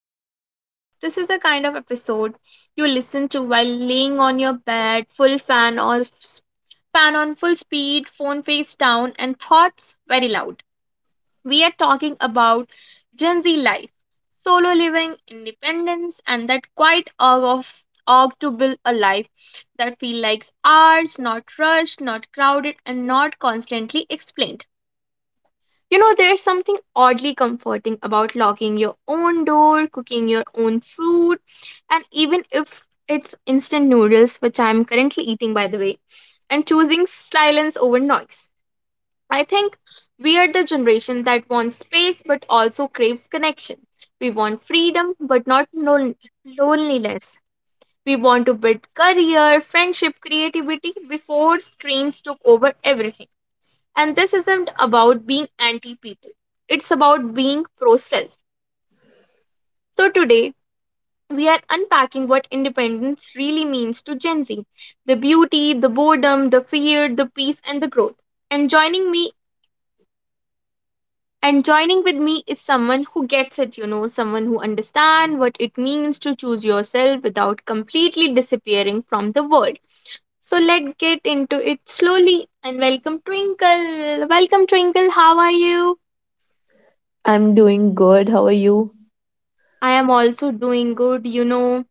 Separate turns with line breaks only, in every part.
to the podcast. This is a kind of episode you listen to while laying on your bed, full fan or fan on full speed, phone face down, and thoughts very loud. We are talking about Gen Z life, solo living, independence, and that quiet urge to build a life that feels like ours, not rushed, not crowded, and not constantly explained. There's something oddly comforting about locking your own door, cooking your own food, and even if it's instant noodles, which I'm currently eating by the way, and choosing silence over noise. I think we are the generation that wants space but also craves connection. We want freedom but not loneliness. We want to build career, friendship, creativity before screens took over everything. And this isn't about being anti people, it's about being pro self. So today, we are unpacking what independence really means to Gen Z: the beauty, the boredom, the fear, the peace, and the growth. And joining me and joining with me is someone who gets it, someone who understands what it means to choose yourself without completely disappearing from the world. So let's get into it slowly and welcome Twinkle. Welcome Twinkle, how are you?
I'm doing good. How are you?
I am also doing good.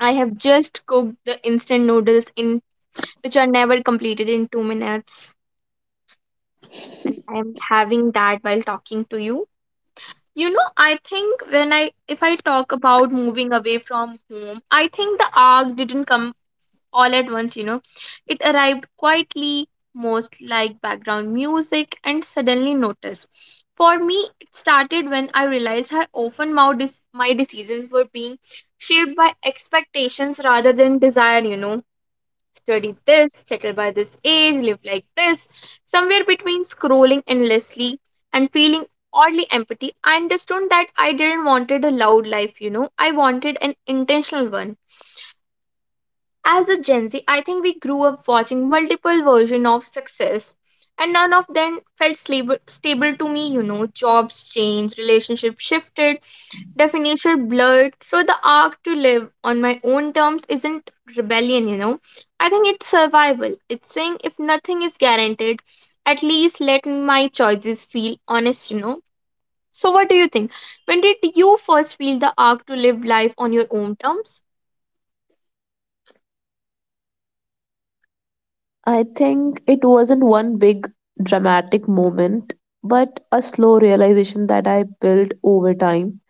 I have just cooked the instant noodles in which are never completed in 2 minutes and I am having that while talking to you. I think when I if I talk about moving away from home, I think the arc didn't come all at once. It arrived quietly, most like background music, and suddenly noticed. For me, it started when I realized how often my decisions were being shaped by expectations rather than desire. Study this, settle by this age, live like this. Somewhere between scrolling endlessly and feeling oddly empty, I understood that I didn't wanted a loud life. I wanted an intentional one. As a Gen Z, I think we grew up watching multiple versions of success, and none of them felt stable to me. Jobs changed, relationships shifted, definition blurred. So the arc to live on my own terms isn't rebellion. I think it's survival. It's saying if nothing is guaranteed, at least let my choices feel honest. So what do you think? When did you first feel the arc to live life on your own terms?
I think it wasn't one big dramatic moment, but a slow realization that I built over time.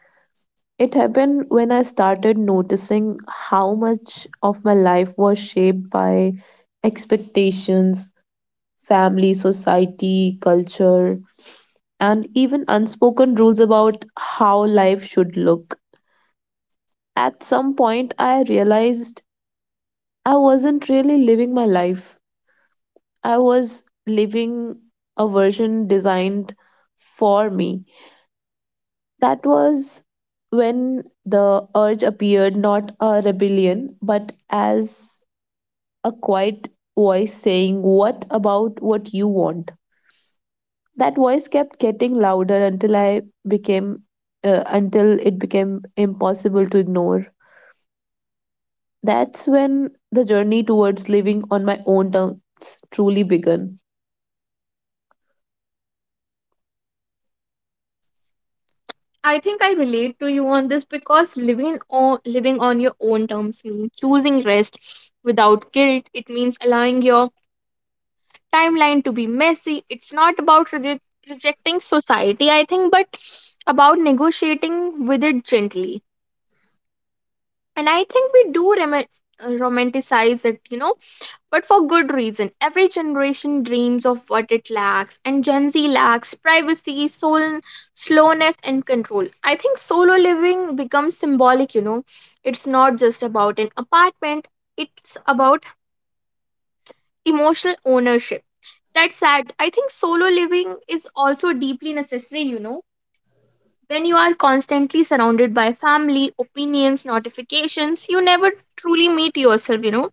It happened when I started noticing how much of my life was shaped by expectations, family, society, culture, and even unspoken rules about how life should look. At some point, I realized I wasn't really living my life. I was living a version designed for me. That was when the urge appeared, not a rebellion, but as a quiet voice saying, what about what you want? That voice kept getting louder until until it became impossible to ignore. That's when the journey towards living on my own terms truly began.
I think I relate to you on this because living on your own terms means choosing rest without guilt. It means allowing your timeline to be messy. It's not about rejecting society, I think, but about negotiating with it gently. And I think we do romanticize it, but for good reason. Every generation dreams of what it lacks, and Gen Z lacks privacy, soul, slowness, and control. I think solo living becomes symbolic. It's not just about an apartment, it's about emotional ownership. That's sad. I think solo living is also deeply necessary. When you are constantly surrounded by family, opinions, notifications, you never truly meet yourself.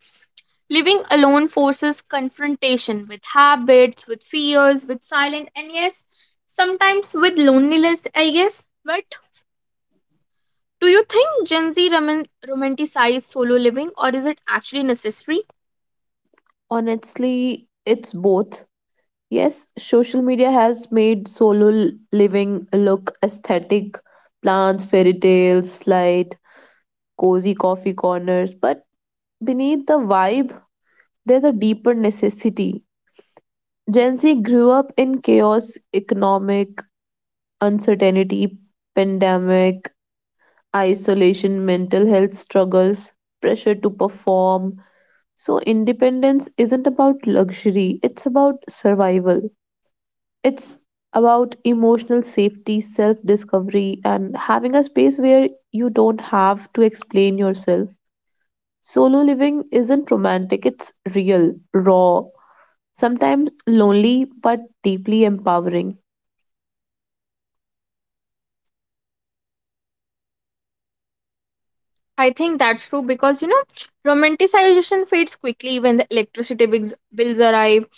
Living alone forces confrontation with habits, with fears, with silence, and yes, sometimes with loneliness, I guess. But do you think Gen Z romanticize solo living or is it actually necessary?
Honestly, it's both. Yes, social media has made living look aesthetic, plants, fairy tales, light, cozy coffee corners, but beneath the vibe, there's a deeper necessity. Gen Z grew up in chaos, economic uncertainty, pandemic, isolation, mental health struggles, pressure to perform. So, independence isn't about luxury, it's about survival. It's about emotional safety, self discovery, and having a space where you don't have to explain yourself. Solo living isn't romantic, it's real, raw, sometimes lonely, but deeply empowering.
I think that's true because romanticization fades quickly when the electricity bills arrive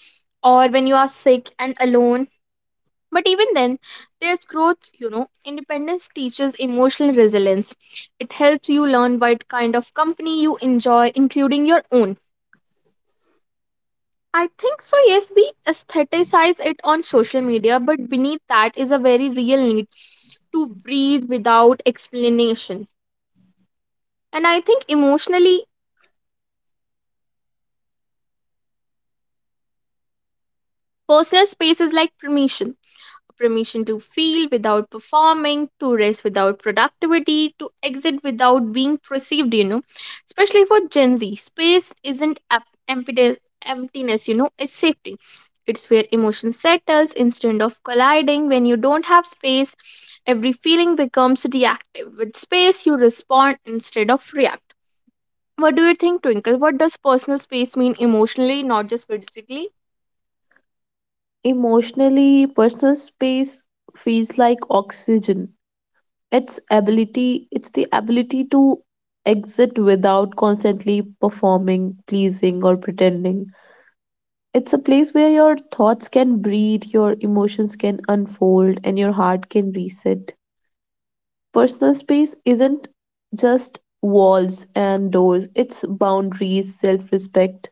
or when you are sick and alone. But even then, there's growth. Independence teaches emotional resilience. It helps you learn what kind of company you enjoy, including your own. I think so, yes, we aestheticize it on social media, but beneath that is a very real need to breathe without explanation. And I think emotionally, personal space is like permission to feel without performing, to rest without productivity, to exit without being perceived. Especially for Gen Z, space isn't emptiness, it's safety. It's where emotion settles instead of colliding. When you don't have space, every feeling becomes reactive. With space, you respond instead of react. What do you think, Twinkle? What does personal space mean emotionally, not just physically?
Emotionally, personal space feels like oxygen. It's the ability to exit without constantly performing, pleasing, or pretending. It's a place where your thoughts can breathe, your emotions can unfold, and your heart can reset. Personal space isn't just walls and doors, it's boundaries, self respect,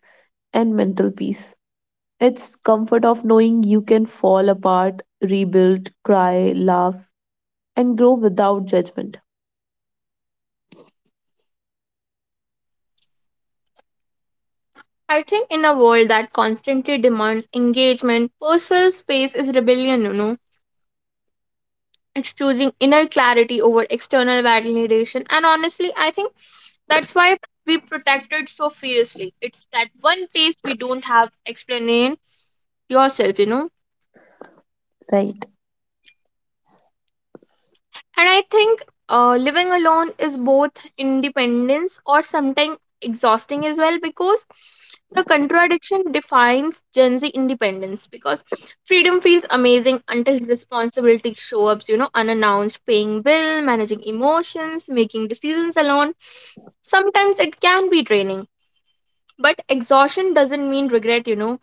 and mental peace. It's comfort of knowing you can fall apart, rebuild, cry, laugh, and grow without judgment.
I think in a world that constantly demands engagement, personal space is rebellion. It's choosing inner clarity over external validation. And honestly, I think that's why we protect it so fiercely. It's that one place we don't have explain yourself.
Right.
And I think living alone is both independence or sometimes exhausting as well because the contradiction defines Gen Z independence because freedom feels amazing until responsibility shows up, unannounced, paying bill, managing emotions, making decisions alone. Sometimes it can be draining, but exhaustion doesn't mean regret,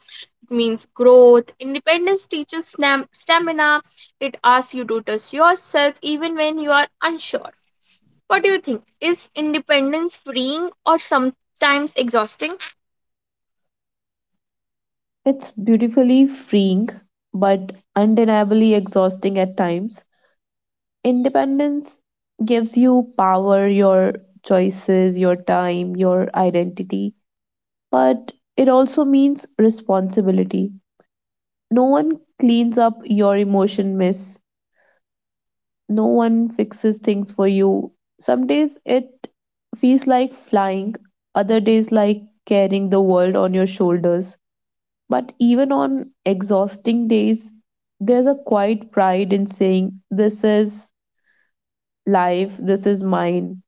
it means growth. Independence teaches stamina, it asks you to trust yourself even when you are unsure. What do you think? Is independence freeing or sometimes exhausting?
It's beautifully freeing, but undeniably exhausting at times. Independence gives you power, your choices, your time, your identity, but it also means responsibility. No one cleans up your emotion mess, no one fixes things for you. Some days it feels like flying, other days like carrying the world on your shoulders. But even on exhausting days, there's a quiet pride in saying, this is life, this is mine.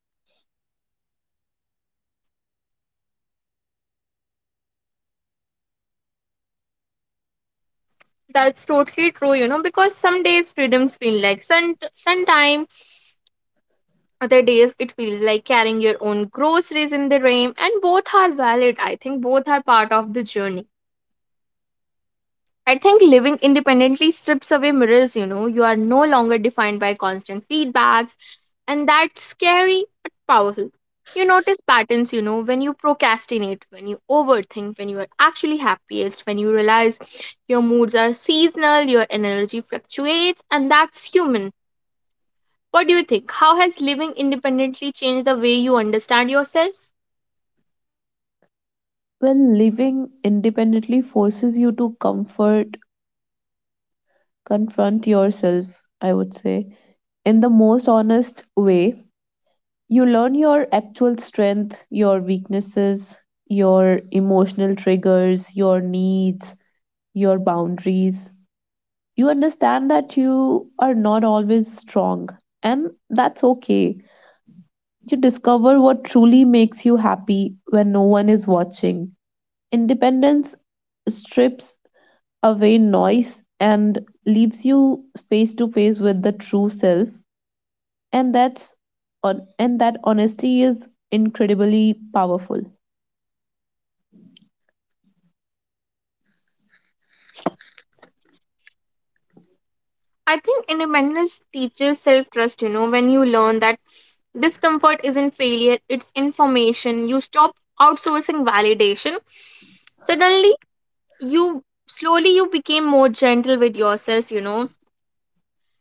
That's totally true, because some days freedoms feel like sun time, other days it feels like carrying your own groceries in the rain, and both are valid. I think both are part of the journey. I think living independently strips away mirrors, you know. You are no longer defined by constant feedbacks, and that's scary but powerful. You notice patterns, when you procrastinate, when you overthink, when you are actually happiest, when you realize your moods are seasonal, your energy fluctuates, and that's human. What do you think? How has living independently changed the way you understand yourself?
Well, living independently forces you to confront yourself, I would say, in the most honest way. You learn your actual strength, your weaknesses, your emotional triggers, your needs, your boundaries. You understand that you are not always strong, and that's okay. You discover what truly makes you happy when no one is watching. Independence strips away noise and leaves you face to face with the true self, and that's on and that honesty is incredibly powerful.
I think independence teaches self trust, when you learn that discomfort isn't failure, it's information. You stop outsourcing validation. Suddenly, you slowly you became more gentle with yourself.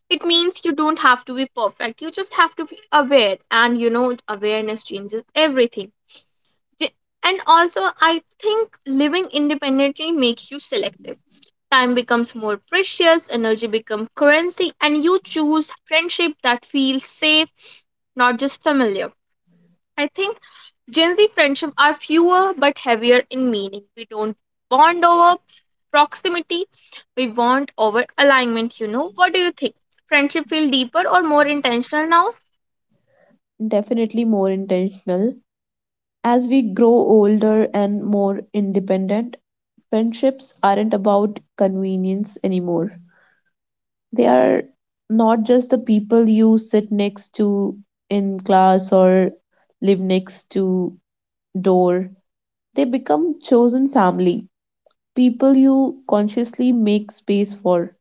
It means you don't have to be perfect. You just have to be aware, and awareness changes everything. J- And also, I think living independently makes you selective. Time becomes more precious, energy becomes currency, and you choose friendship that feels safe, not just familiar. I think Gen Z friendships are fewer but heavier in meaning. We don't bond over proximity, we bond over alignment. What do you think? Friendship feel deeper or more intentional now?
Definitely more intentional. As we grow older and more independent, friendships aren't about convenience anymore. They are not just the people you sit next to in class or live next to door. They become chosen family, people you consciously make space for.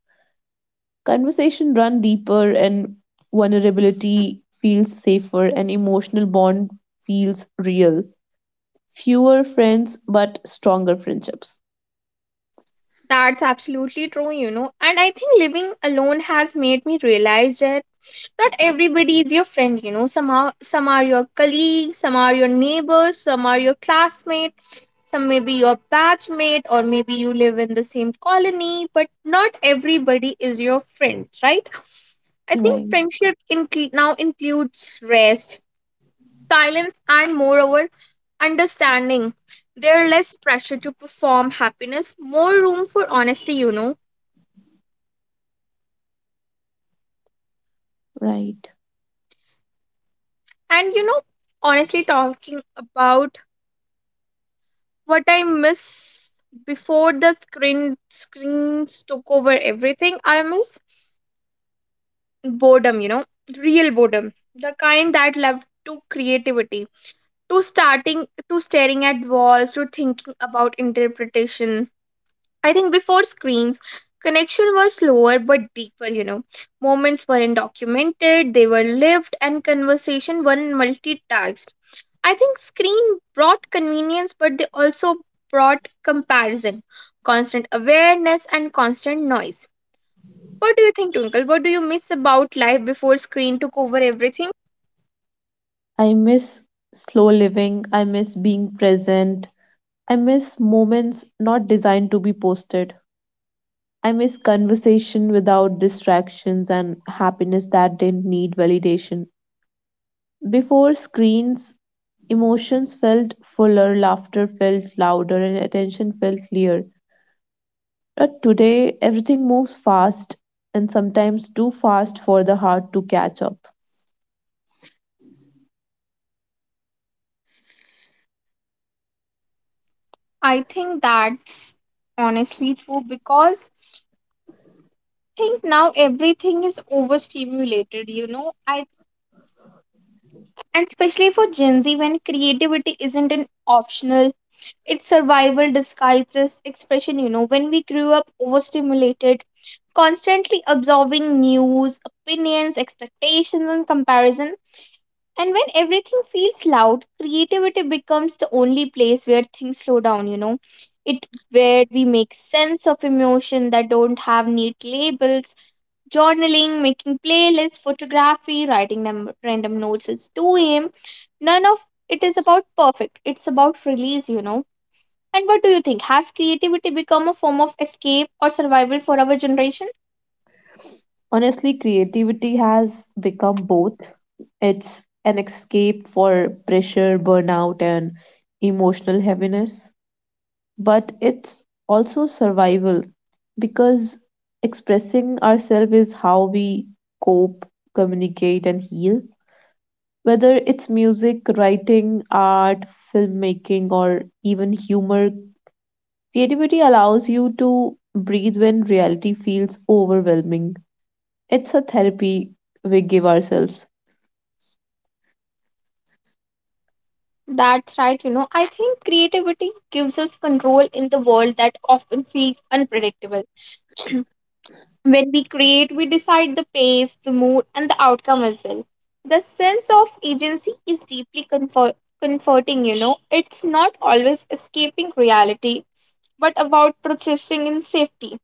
Conversation run deeper and vulnerability feels safer and emotional bond feels real. Fewer friends but stronger friendships.
That's absolutely true. And I think living alone has made me realize that not everybody is your friend. Some are your colleagues, some are your neighbors, some are your classmates, some may be your batchmate, or maybe you live in the same colony, but not everybody is your friend, right? I think
Right,
friendship now includes rest, silence, and moreover understanding. There are less pressure to perform happiness, more room for honesty.
right.
And honestly talking about what I miss before the screens took over everything. I miss boredom, real boredom, the kind that led to creativity, to starting, to staring at walls, to thinking about interpretation. I think before screens, connection was slower but deeper. Moments weren't documented; they were lived, and conversation weren't multitasked. I think screen brought convenience, but they also brought comparison, constant awareness, and constant noise. What do you think, Twinkle? What do you miss about life before screen took over everything?
I miss slow living. I miss being present. I miss moments not designed to be posted. I miss conversation without distractions and happiness that didn't need validation. Before screens, emotions felt fuller, laughter felt louder, and attention felt clear. But today, everything moves fast and sometimes too fast for the heart to catch up.
I think that's honestly true because think now everything is overstimulated. I and especially for Gen Z when creativity isn't an optional. It's survival disguised as expression. When we grew up overstimulated, constantly absorbing news, opinions, expectations, and comparison, and when everything feels loud, creativity becomes the only place where things slow down. It where we make sense of emotion that don't have neat labels, journaling, making playlists, photography, writing random notes. It's 2 a.m. None of it is about perfect. It's about release. And what do you think? Has creativity become a form of escape or survival for our generation?
Honestly, creativity has become both. It's an escape for pressure, burnout, and emotional heaviness, but it's also survival because expressing ourselves is how we cope, communicate, and heal. Whether it's music, writing, art, filmmaking, or even humor, creativity allows you to breathe when reality feels overwhelming. It's a therapy we give ourselves.
That's right. I think creativity gives us control in the world that often feels unpredictable. When we create, we decide the pace, the mood, and the outcome as well. The sense of agency is deeply comforting. It's not always escaping reality, but about processing in safety.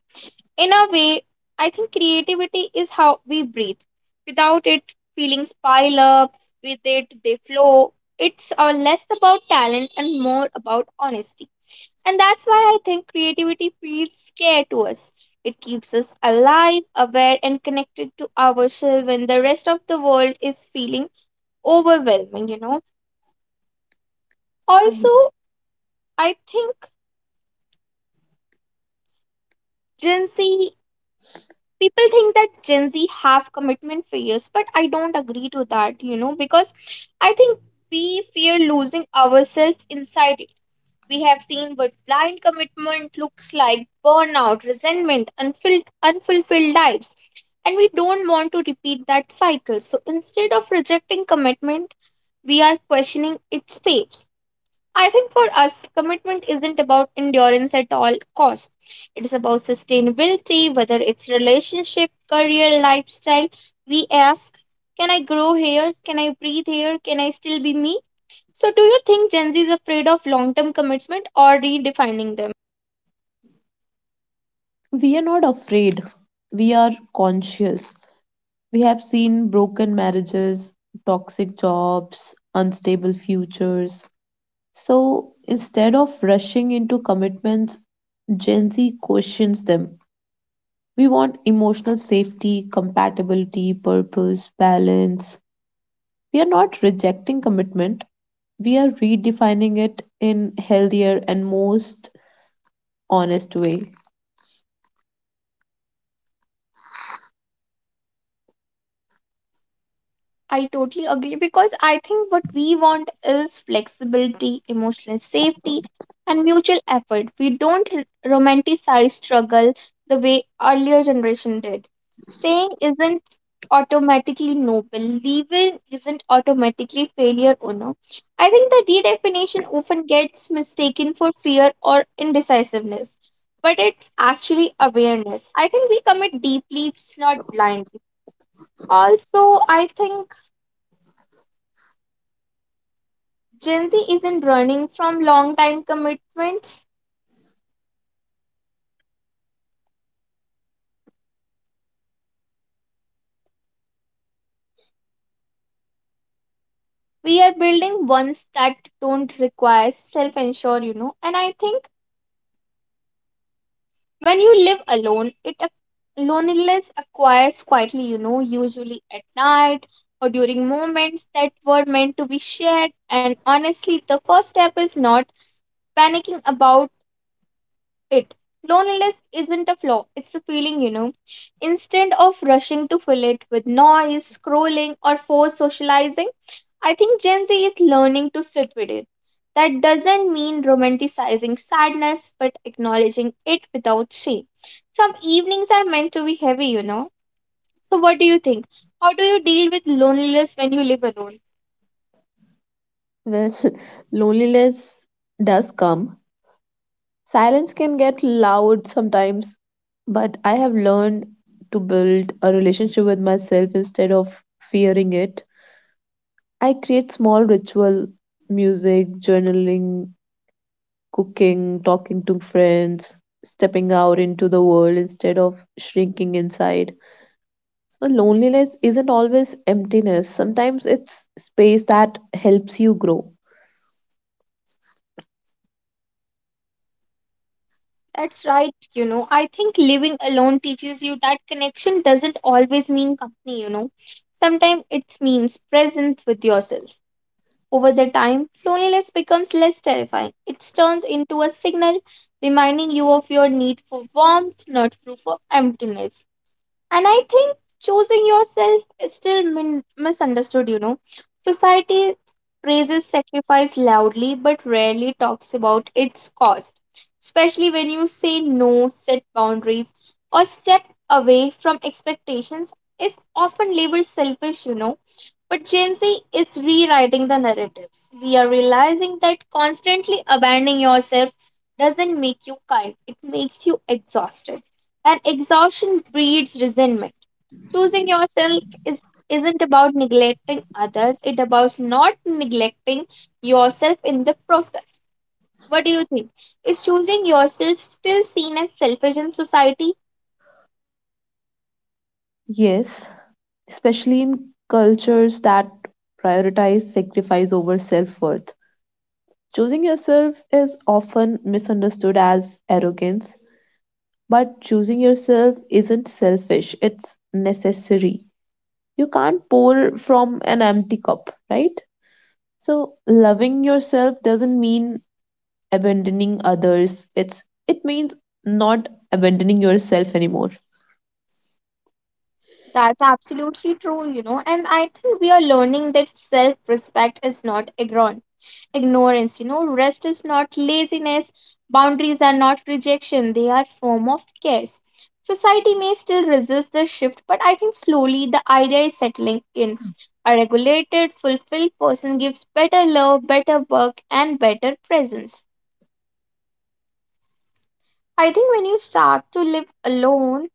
In a way, I think creativity is how we breathe. Without it, feelings pile up, with it, they flow. It's less about talent and more about honesty. And that's why I think creativity feels scared to us. It keeps us alive, aware, and connected to ourselves when the rest of the world is feeling overwhelming. Also,
Right.
I think Gen Z people think that Gen Z have commitment fears, but I don't agree to that, because I think we fear losing ourselves inside it. We have seen what blind commitment looks like: burnout, resentment, unfilled unfulfilled lives, and we don't want to repeat that cycle. So instead of rejecting commitment, we are questioning its safe. I think for us, commitment isn't about endurance at all costs. It is about sustainability, whether it's relationship, career, lifestyle. We ask, can I grow here? Can I breathe here? Can I still be me? So, do you think Gen Z is afraid of long term commitment or redefining them?
We are not afraid, we are conscious. We have seen broken marriages, toxic jobs, unstable futures. So instead of rushing into commitments, Gen Z questions them. We want emotional safety, compatibility, purpose, balance. We are not rejecting commitment, we are redefining it in healthier and most honest way.
I totally agree, because I think what we want is flexibility, emotional safety, and mutual effort. We don't r- romanticize struggle the way earlier generation did. Staying isn't automatically noble, leaving isn't automatically failure or no. I think the redefinition often gets mistaken for fear or indecisiveness, but it's actually awareness. I think we commit deeply, it's not blindly. Also, I think Gen Z isn't running from long time commitments. We are building ones that don't require self ensure. And I think when you live alone, loneliness acquires quietly, usually at night or during moments that were meant to be shared. And honestly, the first step is not panicking about it. Loneliness isn't a flaw, it's a feeling. Instead of rushing to fill it with noise, scrolling, or forced socializing, I think Gen Z is learning to sit with it. That doesn't mean romanticizing sadness, but acknowledging it without shame. Some evenings are meant to be heavy, you know. So, what do you think? How do you deal with loneliness when you live alone?
Well, loneliness does come. Silence can get loud sometimes, but I have learned to build a relationship with myself instead of fearing it. I create small ritual, music, journaling, cooking, talking to friends, stepping out into the world instead of shrinking inside. So loneliness isn't always emptiness. Sometimes it's space that helps you grow.
That's right. I think living alone teaches you that connection doesn't always mean company. Sometimes it means presence with yourself. Over the time, loneliness becomes less terrifying. It turns into a signal reminding you of your need for warmth, not proof of emptiness. And I think choosing yourself is still misunderstood. Society praises sacrifice loudly but rarely talks about its cost, especially when you say no, set boundaries, or step away from expectations. Is often labeled selfish. But Gen Z is rewriting the narratives. We are realizing that constantly abandoning yourself doesn't make you kind, it makes you exhausted, and exhaustion breeds resentment. Choosing yourself is isn't about neglecting others, it about not neglecting yourself in the process. What do you think? Is choosing yourself still seen as selfish in society?
Yes, especially in cultures that prioritize sacrifice over self-worth. Choosing yourself is often misunderstood as arrogance, but choosing yourself isn't selfish, it's necessary. You can't pour from an empty cup, right? So loving yourself doesn't mean abandoning others. It means not abandoning yourself anymore.
That's absolutely true, and I think we are learning that self respect is not ignorant ignorance you know Rest is not laziness. Boundaries are not rejection, they are form of cares. Society may still resist the shift, but I think slowly the idea is settling in. A regulated fulfilled person gives better love, better work, and better presence. I think when you start to live alone,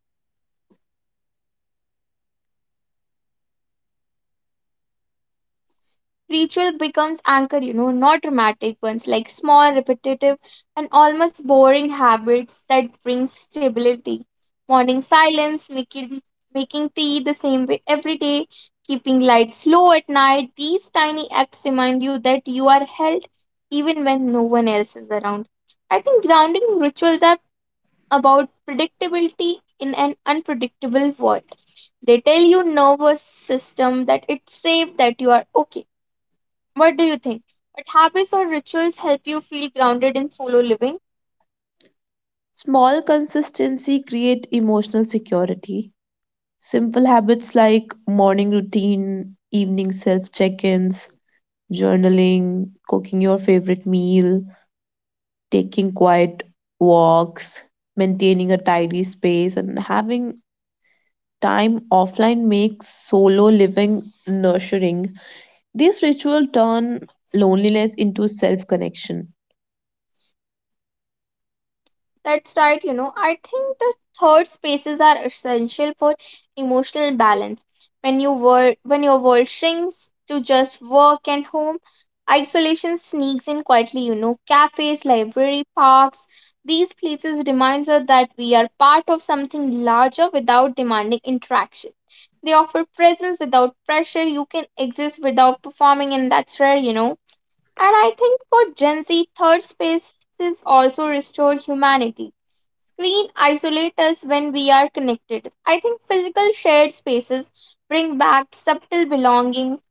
ritual becomes anchor, not dramatic ones, like small, repetitive, and almost boring habits that bring stability. Morning silence, making tea the same way every day, keeping lights low at night. These tiny acts remind you that you are held even when no one else is around. I think grounding rituals are about predictability in an unpredictable world. They tell your nervous system that it's safe, that you are okay. What do you think? What habits or rituals help you feel grounded in solo living?
Small consistency create emotional security. Simple habits like morning routine, evening self-check-ins, journaling, cooking your favorite meal, taking quiet walks, maintaining a tidy space, and having time offline makes solo living nurturing. These rituals turn loneliness into self connection.
That's right. I think the third spaces are essential for emotional balance. When your world shrinks to just work and home, isolation sneaks in quietly. Cafes, library, parks, these places remind us that we are part of something larger without demanding interaction. They offer presence without pressure. You can exist without performing, and that's rare. And I think for Gen Z, third spaces also restore humanity. Screen isolate us when we are connected. I think physical shared spaces bring back subtle belonging,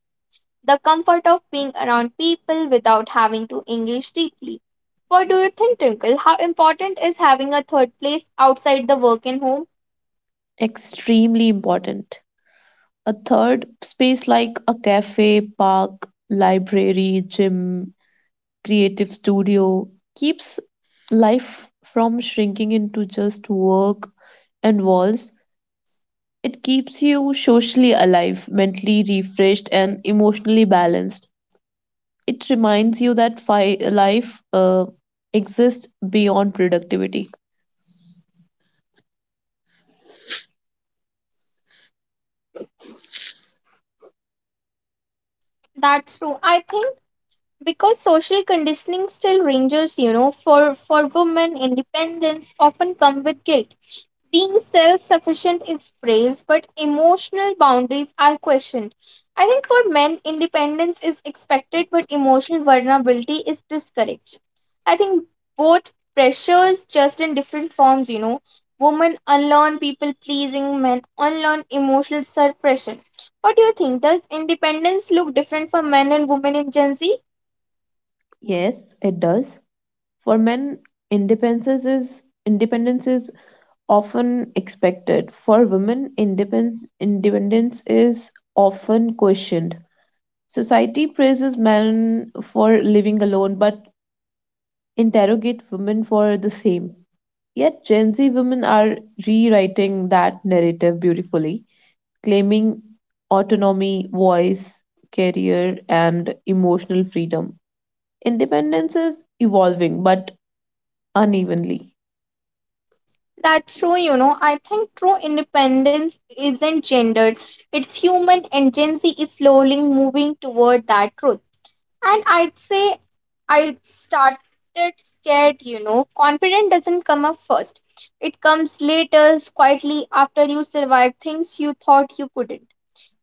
the comfort of being around people without having to engage deeply. What do you think, Twinkle? How important is having a third place outside the work and home?
Extremely important. A third space like a cafe, park, library, gym, creative studio keeps life from shrinking into just work and walls. It keeps you socially alive, mentally refreshed, and emotionally balanced. It reminds you that fi- life exists beyond productivity.
That's true. I think because social conditioning still ranges, for women, independence often come with guilt. Being self sufficient is praised, but emotional boundaries are questioned. I think for men, independence is expected, but emotional vulnerability is discouraged. I think both pressures, just in different forms. Women unlearn people pleasing, men unlearn emotional suppression. What do you think? Does independence look different for men and women in Gen Z?
Yes, it does. For men, independence is often expected. For women, independence is often questioned. Society praises men for living alone, but interrogate women for the same. Yet, Gen Z women are rewriting that narrative beautifully, claiming autonomy, voice, career, and emotional freedom. Independence is evolving but unevenly.
That's true. I think true independence isn't gendered, it's human, and Gen Z is slowly moving toward that truth. And I'd say I started scared. Confidence doesn't come up first, it comes later, quietly, after you survive things you thought you couldn't.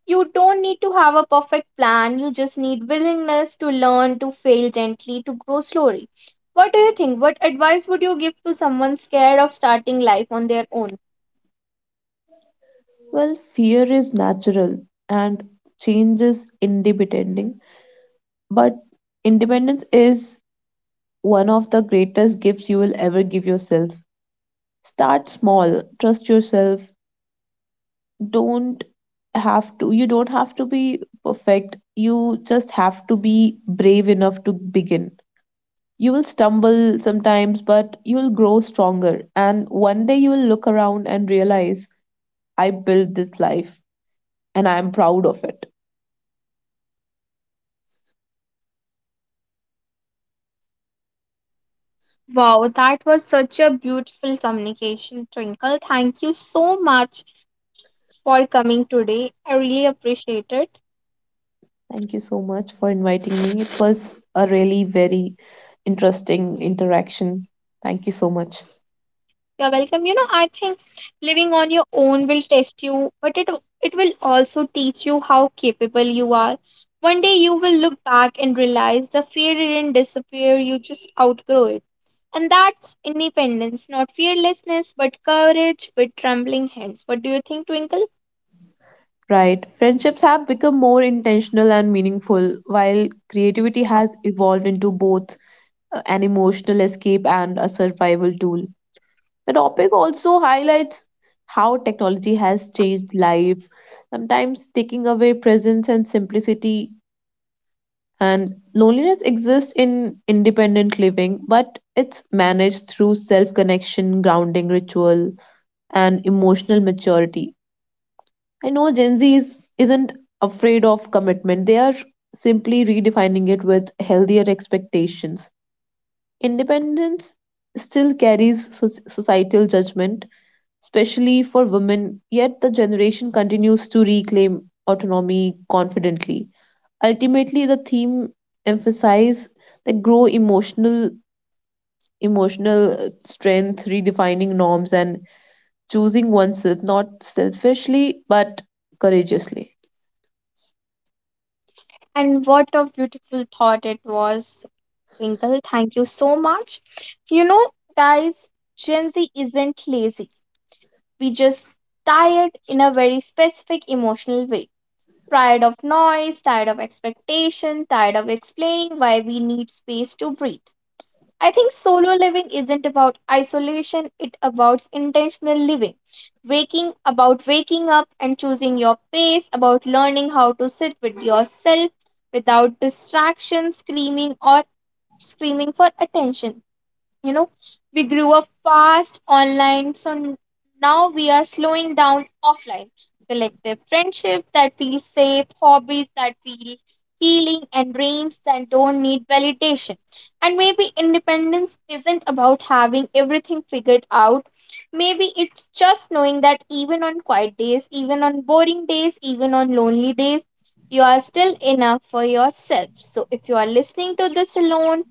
You don't need to have a perfect plan. You just need willingness to learn, to fail gently, to grow slowly. What do you think? What advice would you give to someone scared of starting life on their own?
Well, fear is natural and change is independent, but independence is one of the greatest gifts you will ever give yourself. Start small, trust yourself, don't have to you don't have to be perfect. You just have to be brave enough to begin. You will stumble sometimes, but you will grow stronger, and one day you will look around and realize I built this life and I am proud of it.
Wow, that was such a beautiful communication, Twinkle. Thank you so much for coming today. I really appreciate it.
Thank you so much for inviting me. It was a really very interesting interaction. Thank you so much.
You're welcome. You know, I think living on your own will test you, but it will also teach you how capable you are. One day you will look back and realize the fear didn't disappear, you just outgrow it. And that's independence, not fearlessness, but courage with trembling hands. What do you think, Twinkle?
Right. Friendships have become more intentional and meaningful, while creativity has evolved into both an emotional escape and a survival tool. The topic also highlights how technology has changed life, sometimes taking away presence and simplicity. And loneliness exists in independent living, but it's managed through self connection, grounding ritual, and emotional maturity. I know Gen Z isn't afraid of commitment, they are simply redefining it with healthier expectations. Independence still carries societal judgment, especially for women, yet the generation continues to reclaim autonomy confidently. Ultimately, the theme emphasizes that grow emotional emotional strength, redefining norms, and choosing oneself not selfishly but courageously.
And what a beautiful thought it was, Twinkle. Thank you so much. You know, guys, Gen Z isn't lazy. We just tie it in a very specific emotional way. Tired of noise, tired of expectation, tired of explaining why we need space to breathe. I think solo living isn't about isolation, it about intentional living. Waking up and choosing your pace, about learning how to sit with yourself without distraction, screaming for attention you know we grew up fast online, now we are slowing down offline. Collective friendship that feels safe, hobbies that feel healing, and dreams that don't need validation. And maybe independence isn't about having everything figured out. Maybe it's just knowing that even on quiet days, even on boring days, even on lonely days, you are still enough for yourself. So if you are listening to this alone,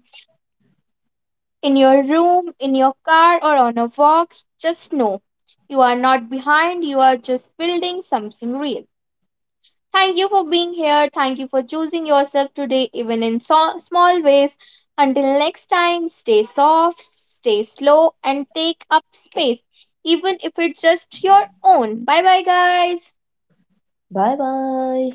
in your room, in your car, or on a walk, just know you are not behind, you are just building something real. Thank you for being here. Thank you for choosing yourself today, even in small ways. Until next time, stay soft, stay slow, and take up space, even if it's just your own. Bye bye, guys.
Bye bye.